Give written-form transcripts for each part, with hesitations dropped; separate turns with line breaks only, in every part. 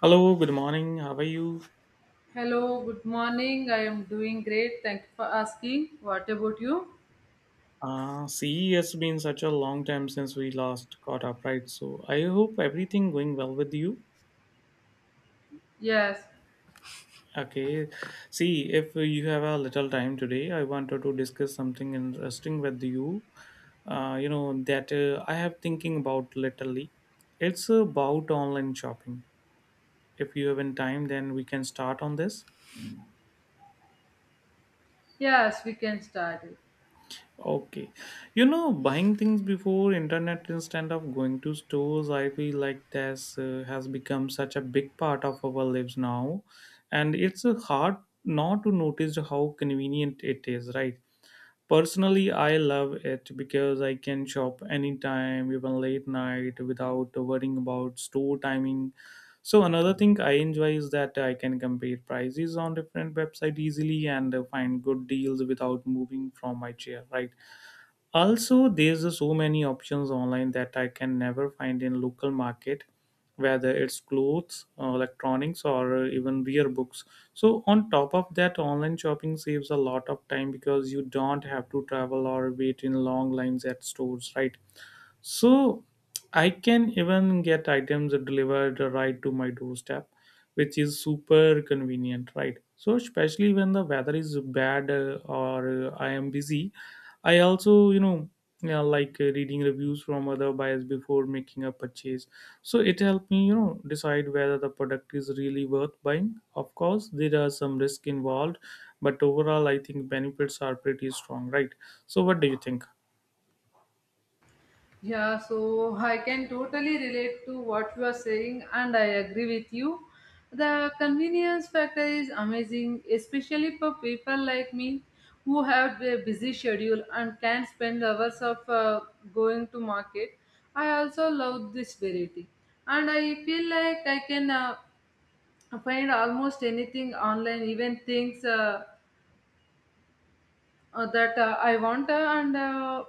Hello, good morning. How are you?
Hello, good morning. I am doing great. Thank you for asking. What about you?
See, it's been such a long time since we last caught up, right? So I hope everything going well with you.
Yes,
Okay. See, if you have a little time today, I wanted to discuss something interesting with you. You know that I have thinking about lately. It's about online shopping. If you have in time, then we can start on this.
yes, we can start it.
Okay. You know, buying things before internet instead of going to stores, I feel like this has become such a big part of our lives now. And it's hard not to notice how convenient it is, right? Personally, I love it because I can shop anytime, even late night, without worrying about store timing. So another thing I enjoy is that I can compare prices on different websites easily and find good deals without moving from my chair, right? Also there's a so many options online that I can never find in local market, whether it's clothes, electronics or even rare books. So on top of that, online shopping saves a lot of time because you don't have to travel or wait in long lines at stores, right? So I can even get items delivered right to my doorstep, which is super convenient, right? So especially when the weather is bad, or I am busy, I also yeah, like reading reviews from other buyers before making a purchase. So it helped me decide whether the product is really worth buying. Of course, there are some risk involved, but overall I think benefits are pretty strong, right? So what do you think?
Yeah, so I can totally relate to what you are saying, and I agree with you. The convenience factor is amazing, especially for people like me who have a busy schedule and can spend hours of going to market. I also love this variety, and I feel like I find almost anything online, even things that I want and uh,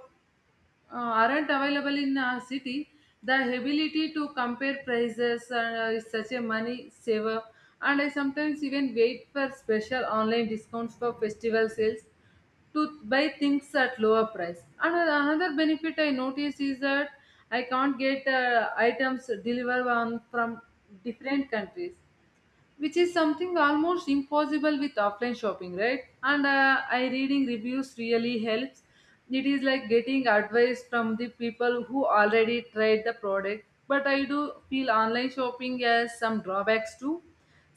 uh, aren't available in a city. The ability to compare prices is such a money saver, and I sometimes even wait for special online discounts for festival sales to buy things at lower price. And another benefit I notice is that I can't get items delivered from different countries, which is something almost impossible with offline shopping, right? And I reading reviews really helps. It is like getting advice from the people who already tried the product, but I do feel online shopping has some drawbacks too.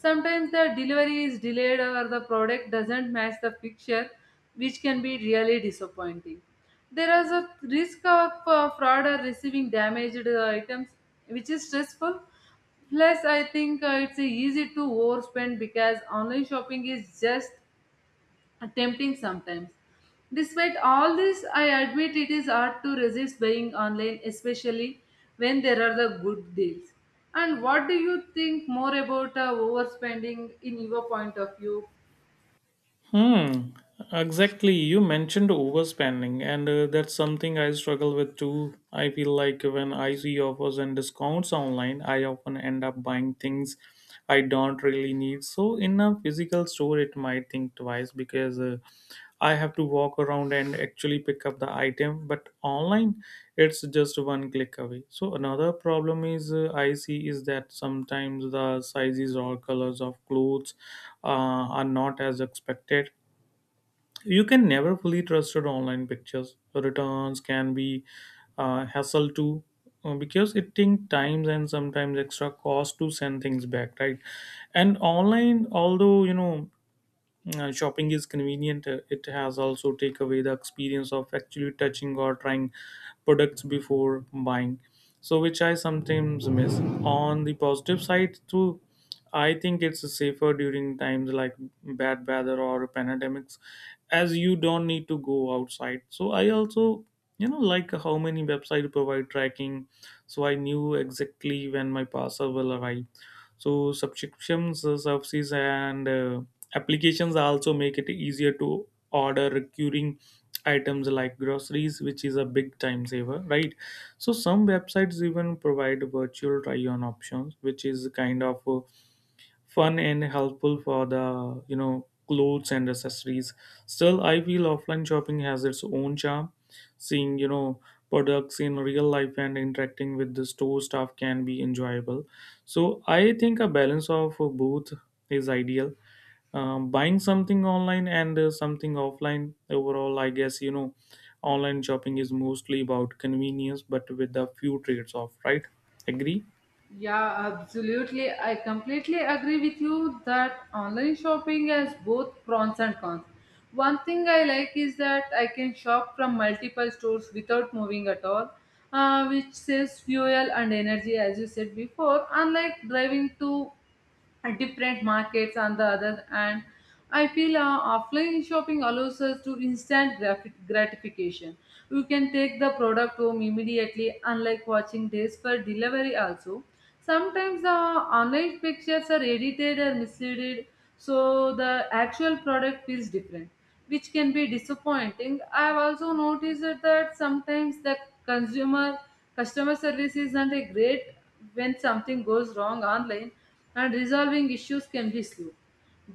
Sometimes the delivery is delayed or the product doesn't match the picture, which can be really disappointing. There is a risk of fraud or receiving damaged items, which is stressful. Plus, I think it's easy to overspend because online shopping is just tempting sometimes. Despite all this, I admit it is hard to resist buying online, especially when there are the good deals. And what do you think more about overspending in your point of view?
Hmm. Exactly. You mentioned overspending, and that's something I struggle with too. I feel like when I see offers and discounts online, I often end up buying things I don't really need. So in a physical store, it might think twice because. I have to walk around and actually pick up the item, but online it's just one click away. So another problem is I see is that sometimes the sizes or colors of clothes are not as expected. You can never fully trust your online pictures. Returns can be hassle too, because it takes times and sometimes extra cost to send things back, right? And online, although shopping is convenient. It has also take away the experience of actually touching or trying products before buying. So which I sometimes miss. On the positive side too, I think it's safer during times like bad weather or pandemics, as you don't need to go outside. So I also like how many websites provide tracking, so I knew exactly when my parcel will arrive. So subscriptions, services and applications also make it easier to order recurring items like groceries, which is a big time saver, right? So some websites even provide virtual try-on options, which is kind of fun and helpful for the clothes and accessories. Still, I feel offline shopping has its own charm. Seeing products in real life and interacting with the store staff can be enjoyable. So I think a balance of both is ideal, buying something online and something offline. Overall, I guess online shopping is mostly about convenience but with a few trades off, right? Agree.
Yeah, absolutely. I completely agree with you that online shopping has both pros and cons. One thing I like is that I can shop from multiple stores without moving at all, which saves fuel and energy, as you said before, unlike driving to at different markets and the other. And I feel offline shopping allows us to instant graphic gratification. You can take the product home immediately, unlike watching days for delivery. Also, sometimes the online pictures are edited or misleading, so the actual product feels different, which can be disappointing. I've also noticed that sometimes the consumer customer service isn't a great when something goes wrong online, and resolving issues can be slow.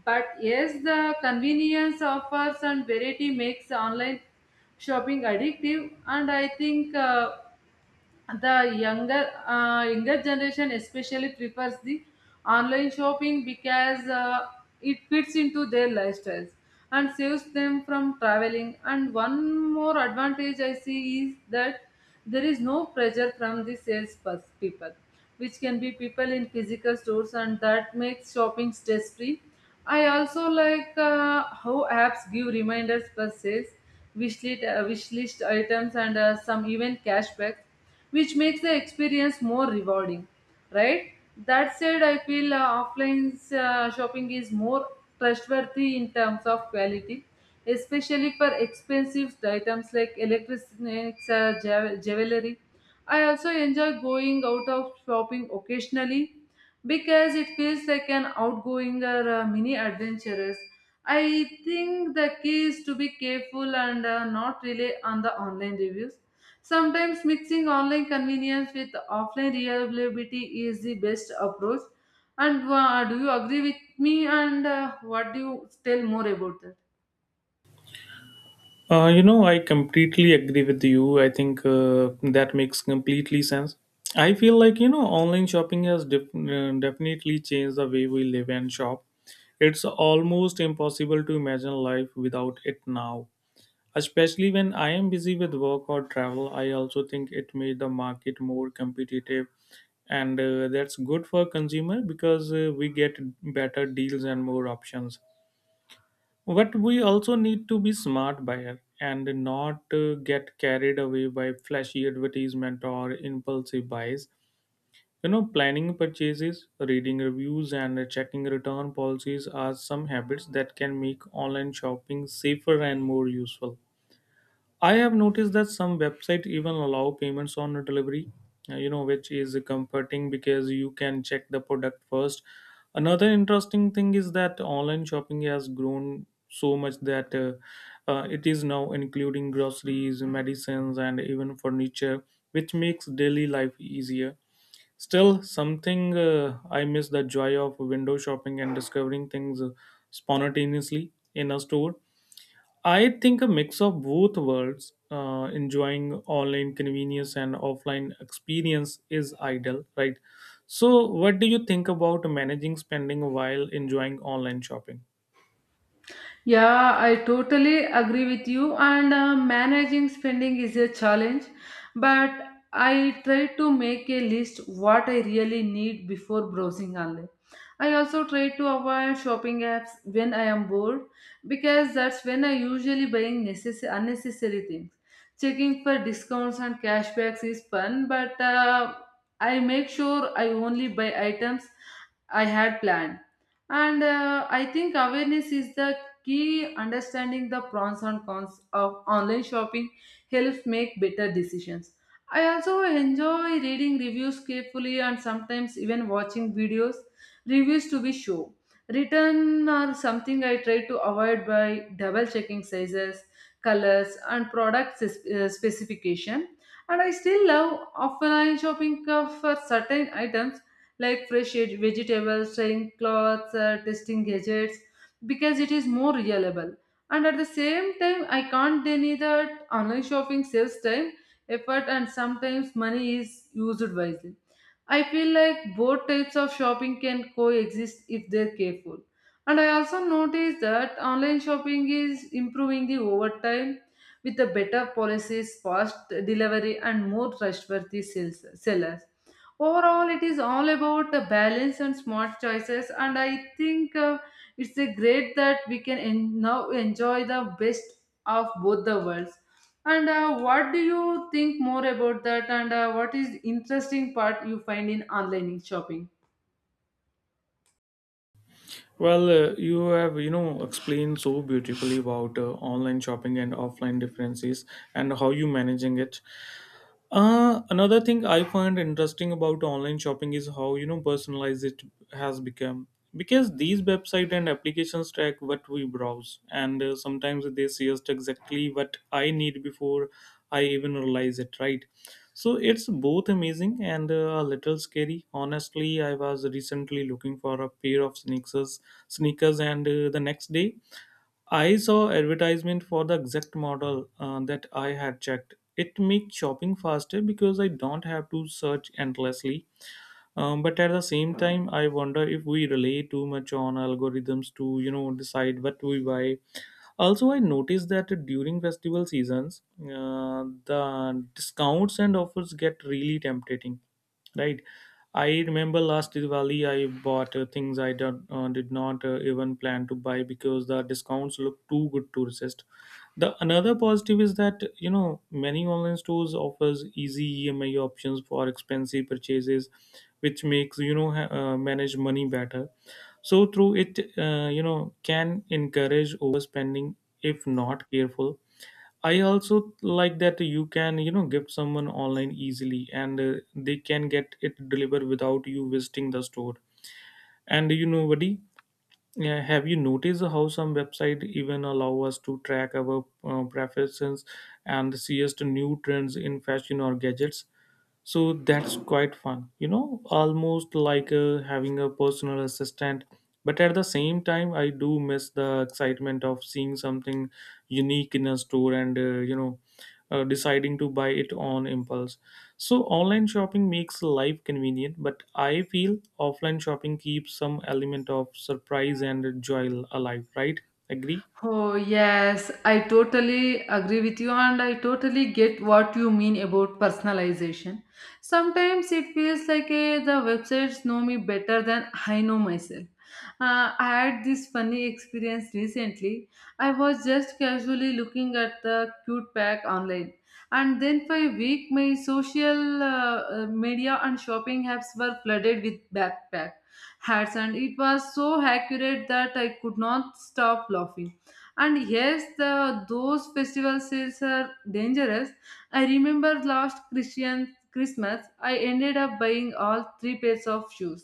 But yes, the convenience offers and variety makes online shopping addictive, and I think the younger generation especially prefers the online shopping because it fits into their lifestyles and saves them from traveling. And one more advantage I see is that there is no pressure from the people, which can be people in physical stores, and that makes shopping stress free. I also like how apps give reminders for sales, wish list items, and some even cashbacks, which makes the experience more rewarding, right? That said, I feel offline shopping is more trustworthy in terms of quality, especially for expensive items like electronics, jewelry. I also enjoy going out of shopping occasionally because it feels like an outgoing or mini adventurous. I think the key is to be careful and not rely on the online reviews. Sometimes mixing online convenience with offline reliability is the best approach. And do you agree with me? And what do you tell more about that?
You know, I completely agree with you. I think that makes completely sense. I feel like online shopping has definitely changed the way we live and shop. It's almost impossible to imagine life without it now. Especially when I am busy with work or travel, I also think it made the market more competitive, and that's good for consumer because we get better deals and more options. But we also need to be smart buyer and not get carried away by flashy advertisement or impulsive buys. You know, planning purchases, reading reviews, and checking return policies are some habits that can make online shopping safer and more useful. I have noticed that some websites even allow payments on delivery, which is comforting because you can check the product first. Another interesting thing is that online shopping has grown so much that it is now including groceries, medicines, and even furniture, which makes daily life easier. Still, something I miss the joy of window shopping and discovering things spontaneously in a store. I think a mix of both worlds, enjoying online convenience and offline experience, is ideal, right? So, what do you think about managing spending while enjoying online shopping?
Yeah, I totally agree with you. And managing spending is a challenge, but I try to make a list what I really need before browsing online. I also try to avoid shopping apps when I am bored because that's when I usually buying necessary unnecessary things. Checking for discounts and cashbacks is fun, but I make sure I only buy items I had planned. And I think awareness is the key. Understanding the pros and cons of online shopping helps make better decisions. I also enjoy reading reviews carefully and sometimes even watching videos reviews to be sure. Written are something I try to avoid by double checking sizes, colors, and product specification. And I still love offline shopping for certain items like fresh vegetables, trying clothes, testing gadgets, because it is more reliable. And at the same time, I can't deny that online shopping saves time, effort, and sometimes money is used wisely. I feel like both types of shopping can coexist if they're careful. And I also noticed that online shopping is improving the overtime with the better policies, fast delivery, and more trustworthy sales, sellers. Overall, it is all about the balance and smart choices, and I think it's a great that we can now enjoy the best of both the worlds. And what do you think more about that? And what is interesting part you find in online shopping?
Well, you have explained so beautifully about online shopping and offline differences, and how you managing it. Another thing I find interesting about online shopping is how personalized it has become, because these website and applications track what we browse and sometimes they suggest exactly what I need before I even realize it, right? So it's both amazing and a little scary, honestly. I was recently looking for a pair of sneakers and the next day I saw advertisement for the exact model that I had checked. It makes shopping faster because I don't have to search endlessly. But at the same time, I wonder if we rely too much on algorithms to decide what we buy. Also, I noticed that during festival seasons, the discounts and offers get really tempting, right? I remember last Diwali, I bought things I did not even plan to buy because the discounts look too good to resist. The another positive is that many online stores offers easy EMI options for expensive purchases, which makes manage money better, so through it can encourage overspending if not careful. I also like that you can gift someone online easily and they can get it delivered without you visiting the store. And you know, buddy, have you noticed how some website even allow us to track our preferences and suggest new trends in fashion or gadgets? So that's quite fun, you know, almost like having a personal assistant. But at the same time, I do miss the excitement of seeing something unique in a store, and deciding to buy it on impulse. So online shopping makes life convenient, but I feel offline shopping keeps some element of surprise and joy alive, right? Agree.
Oh, yes, I totally agree with you, and I totally get what you mean about personalization. Sometimes it feels like the websites know me better than I know myself. I had this funny experience recently. I was just casually looking at the cute pack online, and then for a week, my social media and shopping apps were flooded with backpack hats, and it was so accurate that I could not stop laughing. And yes, the those festival sales are dangerous. I remember last christian Christmas, I ended up buying all three pairs of shoes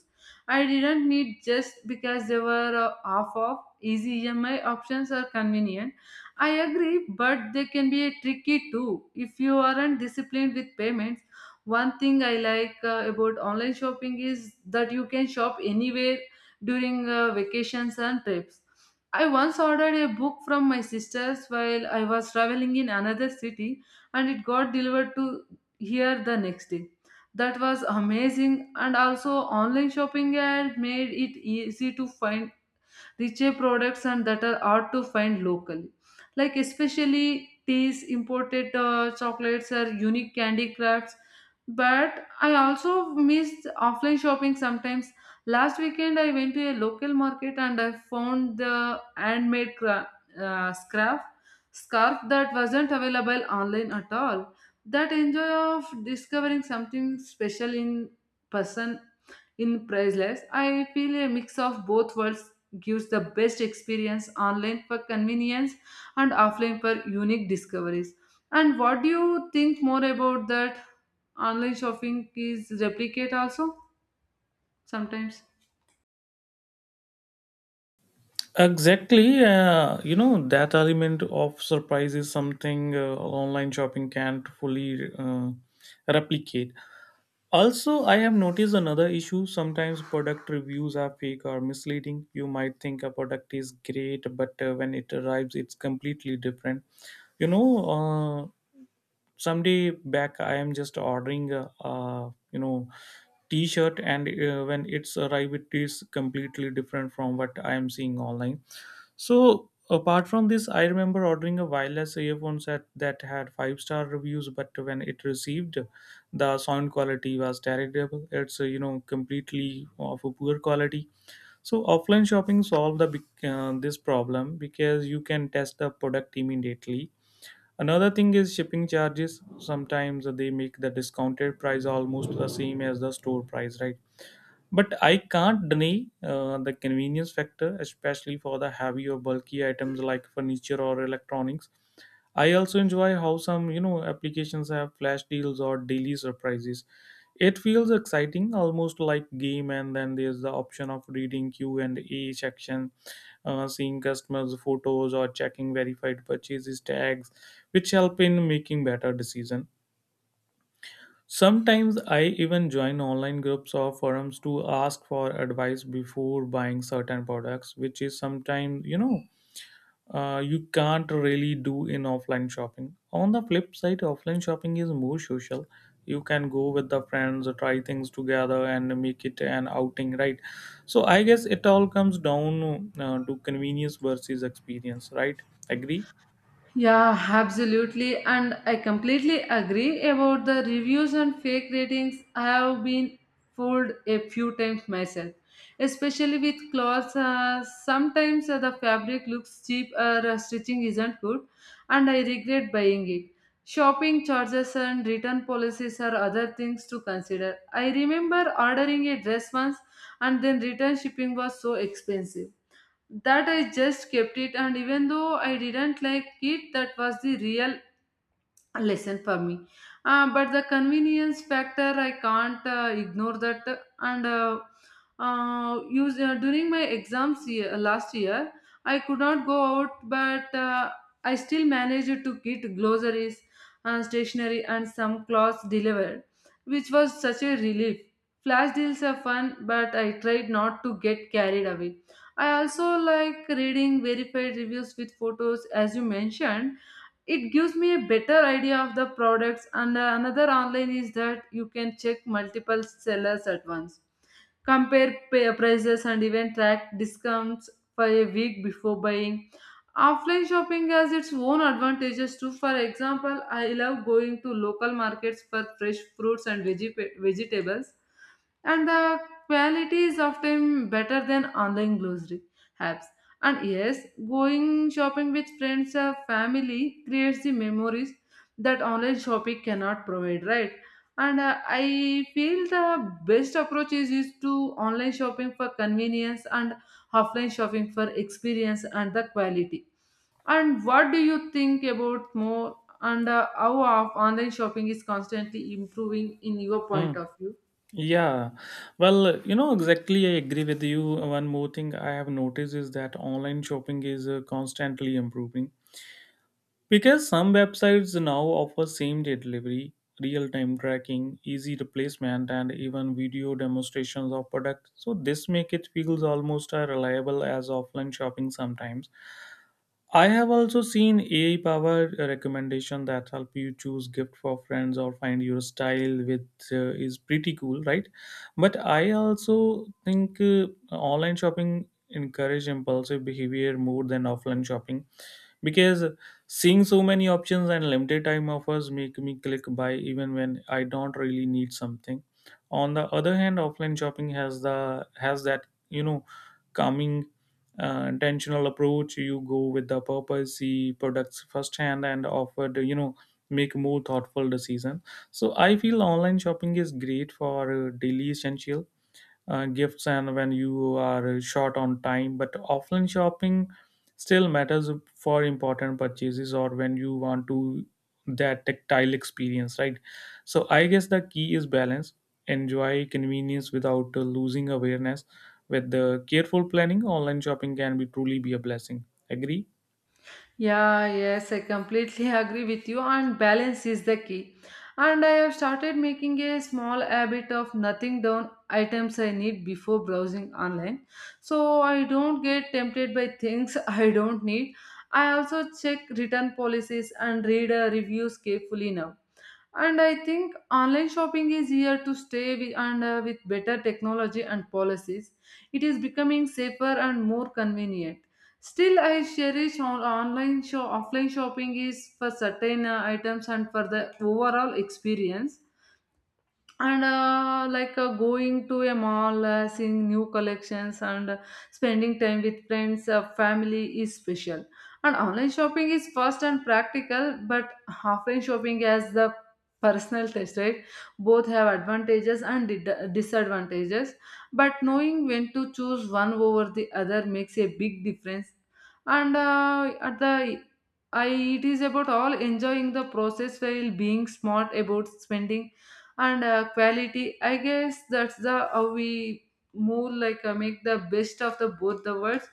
I didn't need just because they were half off. Easy EMI options are convenient, I agree, but they can be tricky too if you aren't disciplined with payments. One thing I like about online shopping is that you can shop anywhere during vacations and trips. I once ordered a book from my sister's while I was traveling in another city, and it got delivered to here the next day. That was amazing. And also, online shopping had made it easy to find richer products and that are hard to find locally, like especially teas imported chocolates or unique candy crafts. But I also missed offline shopping sometimes. Last weekend I went to a local market and I found the handmade uh, scarf scarf that wasn't available online at all. That enjoy of discovering something special in person in priceless. I feel a mix of both worlds gives the best experience, online for convenience and offline for unique discoveries. And what do you think more about that? Online shopping is replicate also sometimes.
Exactly. That element of surprise is something online shopping can't fully replicate. Also, I have noticed another issue. Sometimes product reviews are fake or misleading. You might think a product is great, but when it arrives, it's completely different. You know, uh, someday back, I am just ordering a t-shirt, and when it's arrived, it is completely different from what I am seeing online. So apart from this, I remember ordering a wireless earphones that had 5 star reviews, but when it received, the sound quality was terrible. It's completely of a poor quality. So offline shopping solved the this problem because you can test the product immediately. Another thing is shipping charges. Sometimes they make the discounted price almost the same as the store price, right? But I can't deny the convenience factor, especially for the heavy or bulky items like furniture or electronics. I also enjoy how some applications have flash deals or daily surprises. It feels exciting, almost like game. And then there's the option of reading Q and A section, seeing customers' photos or checking verified purchases tags, which help in making better decision. Sometimes I even join online groups or forums to ask for advice before buying certain products, which is sometimes, you can't really do in offline shopping. On the flip side, offline shopping is more social. You can go with the friends, try things together, and make it an outing, right? So I guess it all comes down to convenience versus experience, right? Agree?
Yeah, absolutely. And I completely agree about the reviews and fake ratings. I have been fooled a few times myself, especially with clothes. Sometimes the fabric looks cheap or stitching isn't good, and I regret buying it. Shopping charges and return policies are other things to consider. I remember ordering a dress once, and then return shipping was so expensive that I just kept it, and even though I didn't like it, that was the real lesson for me. But the convenience factor, I can't ignore that. And use during my exams year, last year, I could not go out, but I still managed to get groceries, stationery, and some clothes delivered, which was such a relief. Flash deals are fun, but I tried not to get carried away. I also like reading verified reviews with photos as you mentioned. It gives me a better idea of the products. And another online is that you can check multiple sellers at once, compare prices, and even track discounts for a week before buying. Offline shopping has its own advantages too. For example, I love going to local markets for fresh fruits and veggie vegetables, and the quality is often better than online grocery apps. And yes, going shopping with friends or family creates the memories that online shopping cannot provide, right? And I feel the best approach is to online shopping for convenience and offline shopping for experience and the quality. And what do you think about more? And how of online shopping is constantly improving in your
Hmm.
point of view?
Yeah, well, exactly, I agree with you. One more thing I have noticed is that online shopping is constantly improving, because some websites now offer same day delivery, real time tracking, easy replacement, and even video demonstrations of products. So this make it feels almost as reliable as offline shopping sometimes. I have also seen AI powered recommendation that help you choose gift for friends or find your style with is pretty cool, right? But I also think online shopping encourage impulsive behavior more than offline shopping because seeing so many options and limited time offers make me click buy even when I don't really need something. On the other hand, offline shopping has that calming, intentional approach. You go with the purpose, see products firsthand, and offer the, make more thoughtful decision. So I feel online shopping is great for daily essentials, gifts and when you are short on time, but offline shopping still matters for important purchases or when you want to that tactile experience, right? So I guess the key is balance, enjoy convenience without losing awareness. With the careful planning, online shopping can be truly be a blessing, agree?
Yeah, yes, I completely agree with you, and balance is the key. And I have started making a small habit of nothing down items I need before browsing online. So I don't get tempted by things I don't need. I also check return policies and read reviews carefully now, and I think online shopping is here to stay with better technology and policies. It is becoming safer and more convenient. Still, I cherish on- online show offline shopping is for certain items and for the overall experience, and like going to a mall, seeing new collections, and spending time with friends, family is special. And online shopping is fast and practical, but offline shopping has the personal taste, right? Both have advantages and disadvantages, but knowing when to choose one over the other makes a big difference. And uh, at the I, it is about all enjoying the process while being smart about spending and quality. I guess that's the how we move, like make the best of the both the worlds.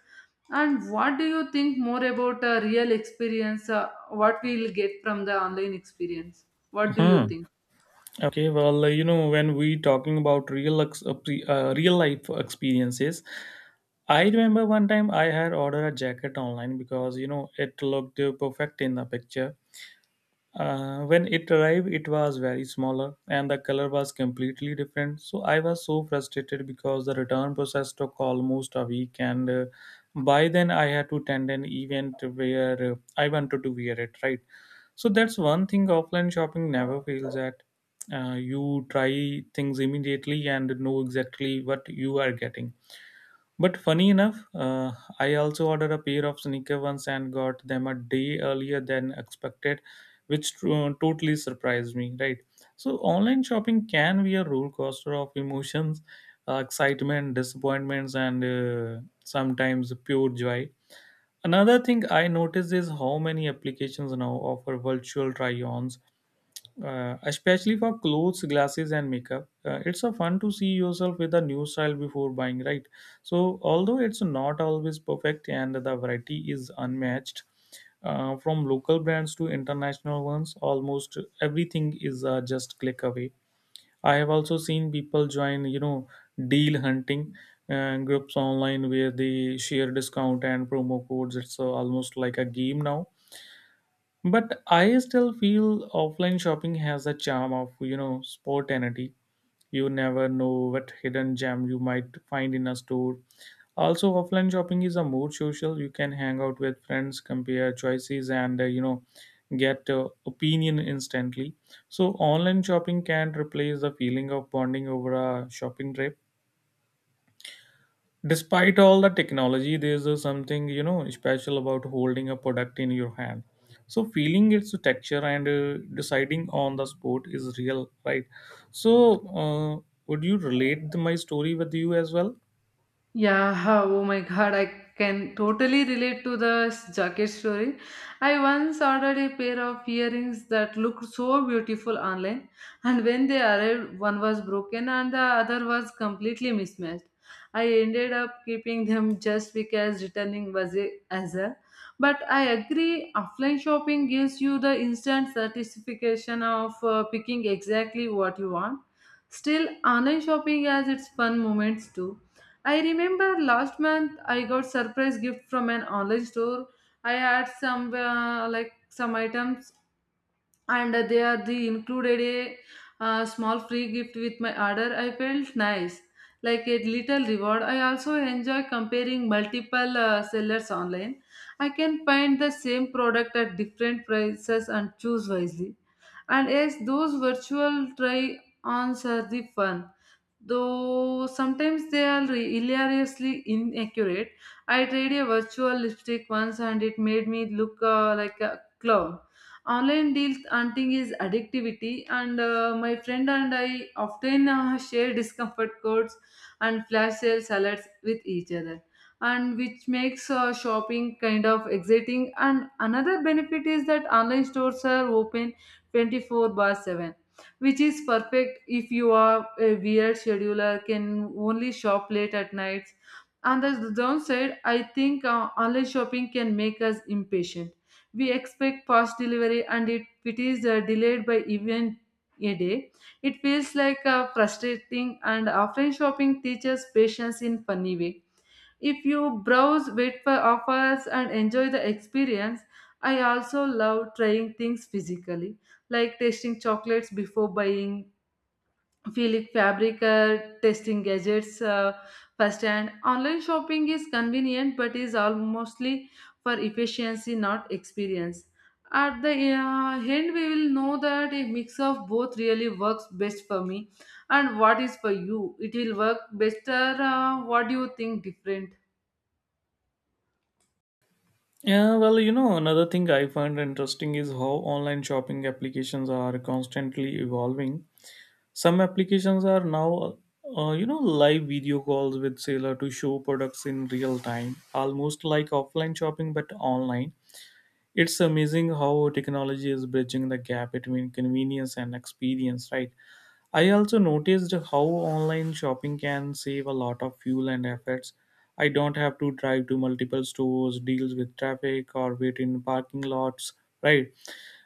And what do you think more about a real experience, what we'll get from the online experience? What do
Hmm.
you think?
Okay, well, when we talking about real life experiences, I remember one time I had ordered a jacket online because you know it looked perfect in the picture. When it arrived, it was very smaller and the color was completely different. So I was so frustrated because the return process took almost a week, and by then I had to attend an event where I wanted to wear it, right? So that's one thing offline shopping never fails at. You try things immediately and know exactly what you are getting, but funny enough, I also ordered a pair of sneaker ones and got them a day earlier than expected, which totally surprised me, right? So, online shopping can be a roller coaster of emotions, excitement, disappointments, and sometimes pure joy. Another thing I noticed is how many applications now offer virtual try ons, especially for clothes, glasses and makeup. Uh, it's a fun to see yourself with a new style before buying, right? So although it's not always perfect and the variety is unmatched, from local brands to international ones, almost everything is just click away. I have also seen people join, deal hunting groups online where they share discount and promo codes. It's almost like a game now. But I still feel offline shopping has a charm of, you know, spontaneity. You never know what hidden gem you might find in a store. Also, offline shopping is a more social. You can hang out with friends, compare choices, and, get opinion instantly. So, online shopping can replace the feeling of bonding over a shopping trip. Despite all the technology, there's a something, you know, special about holding a product in your hand, so feeling its texture and deciding on the spot is real, right? So would you relate my story with you as well?
Yeah, oh my god, I can totally relate to the jacket story. I once ordered a pair of earrings that looked so beautiful online, and when they arrived, one was broken and the other was completely mismatched. I ended up keeping them just because returning was a hassle. But I agree, offline shopping gives you the instant satisfaction of picking exactly what you want. Still, online shopping has its fun moments too. I remember last month I got surprise gift from an online store. I had some some items, and they are the included a small free gift with my order. I felt nice, like a little reward. I also enjoy comparing multiple sellers online. I can find the same product at different prices and choose wisely. And yes, those virtual try ons are the fun, though sometimes they are hilariously inaccurate. I tried a virtual lipstick once and it made me look like a clown. Online deals hunting is addictivity, and my friend and I often share discomfort codes and flash sale alerts with each other, and which makes shopping kind of exciting. And another benefit is that online stores are open 24/7, which is perfect if you are a weird scheduler can only shop late at nights. And as the downside, I think online shopping can make us impatient. We expect fast delivery, and if it is delayed by even a day, it feels like frustrating. And offline shopping teaches patience in funny way, if you browse, wait for offers, and enjoy the experience. I also love trying things physically, like tasting chocolates before buying, Feel-it fabric, testing gadgets first. And online shopping is convenient but is all mostly for efficiency, not experience. At the end, we will know that a mix of both really works best for me. And what is for you, it will work better? What do you think different?
Yeah, well, you know, another thing I find interesting is how online shopping applications are constantly evolving. Some applications are now uh, you know live video calls with seller to show products in real time, almost like offline shopping but online. It's amazing how technology is bridging the gap between convenience and experience, right? I also noticed how online shopping can save a lot of fuel and efforts. I don't have to drive to multiple stores, deal with traffic, or wait in parking lots, right?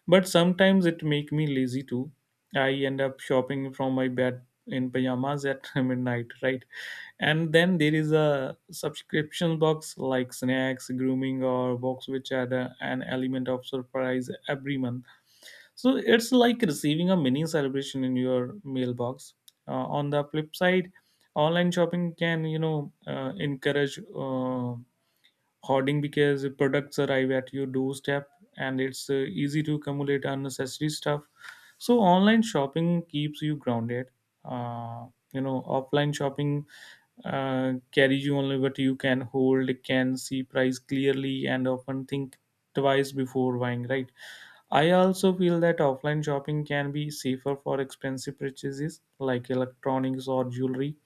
But sometimes it make me lazy too. I end up shopping from my bed in pajamas at midnight, right? And then there is a subscription box like snacks, grooming, or box which add an element of surprise every month. So it's like receiving a mini celebration in your mailbox. Uh, on the flip side, online shopping can, you know, encourage hoarding because products arrive at your doorstep and it's easy to accumulate unnecessary stuff. So online shopping keeps you grounded. uh, you know, offline shopping carries you only what you can hold, can see price clearly and often think twice before buying, right? I also feel that offline shopping can be safer for expensive purchases like electronics or jewelry,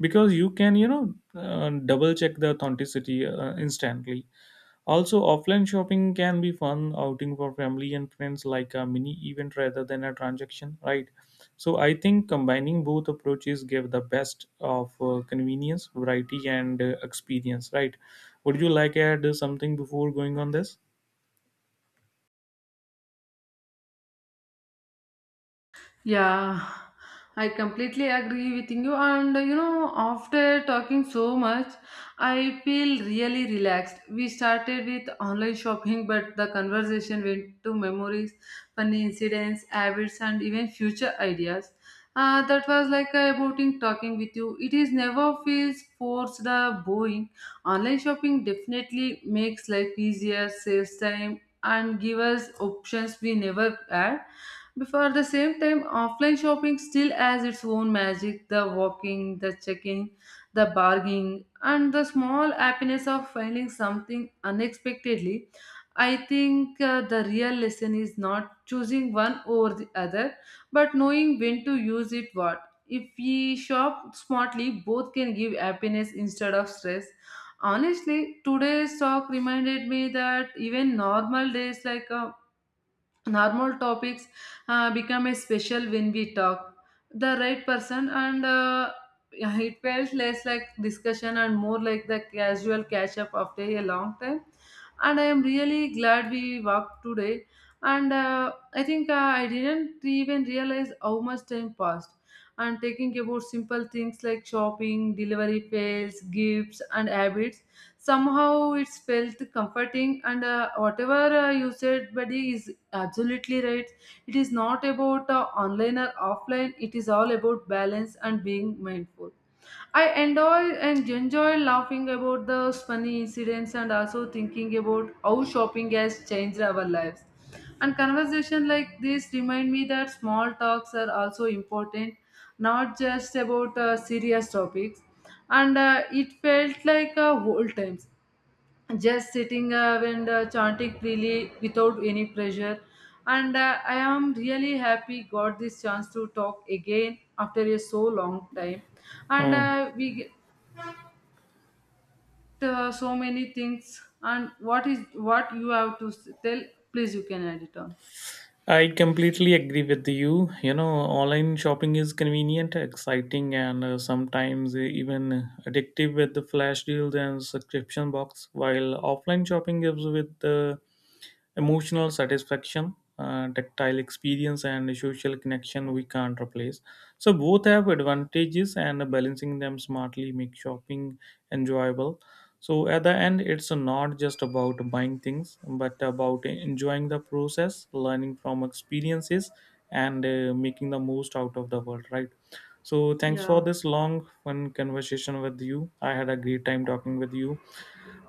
because you can, you know, double check the authenticity instantly. Also, offline shopping can be fun outing for family and friends, like a mini event rather than a transaction, right? So I think combining both approaches give the best of convenience, variety, and experience, right? Would you like to add something before going on this?
Yeah, I completely agree with you. And you know, after talking so much, I feel really relaxed. We started with online shopping, but the conversation went to memories, funny incidents, habits, and even future ideas. That was like a boating talking with you. It is never feels forced or boring. Online shopping definitely makes life easier, saves time, and give us options we never had before the same time. Offline shopping still has its own magic, the walking, the checking, the bargaining, and the small happiness of finding something unexpectedly. I think the real lesson is not choosing one over the other, but knowing when to use it what. If we shop smartly, both can give happiness instead of stress. Honestly, today's talk reminded me that even normal days like a normal topics become a special when we talk the right person and yeah, it felt less like discussion and more like the casual catch up after a long time. And I am really glad we walked today, and I think I didn't even realize how much time passed. And taking about simple things like shopping, delivery fails, gifts, and habits, somehow it's felt comforting, and whatever you said buddy is absolutely right. It is not about online or offline. It is all about balance and being mindful. I enjoy and enjoy laughing about the funny incidents and also thinking about how shopping has changed our lives. And conversation like this remind me that small talks are also important, not just about serious topics. And it felt like old times, just sitting up and chanting freely without any pressure, and I am really happy got this chance to talk again after a so long time, and
Hmm.
uh, we get so many things. And what is what you have to tell? Please, you can add it on.
I completely agree with you. You know, online shopping is convenient, exciting, and sometimes even addictive with the flash deals and subscription box, while offline shopping gives with the emotional satisfaction, tactile experience, and social connection we can't replace. So both have advantages, and balancing them smartly makes shopping enjoyable. So at the end, it's not just about buying things, but about enjoying the process, learning from experiences, and making the most out of the world. Right. So thanks for
Yeah.
this long fun conversation with you. I had a great time talking with you.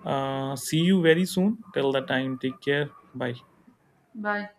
See you very soon. Till the time, take care. Bye.
Bye.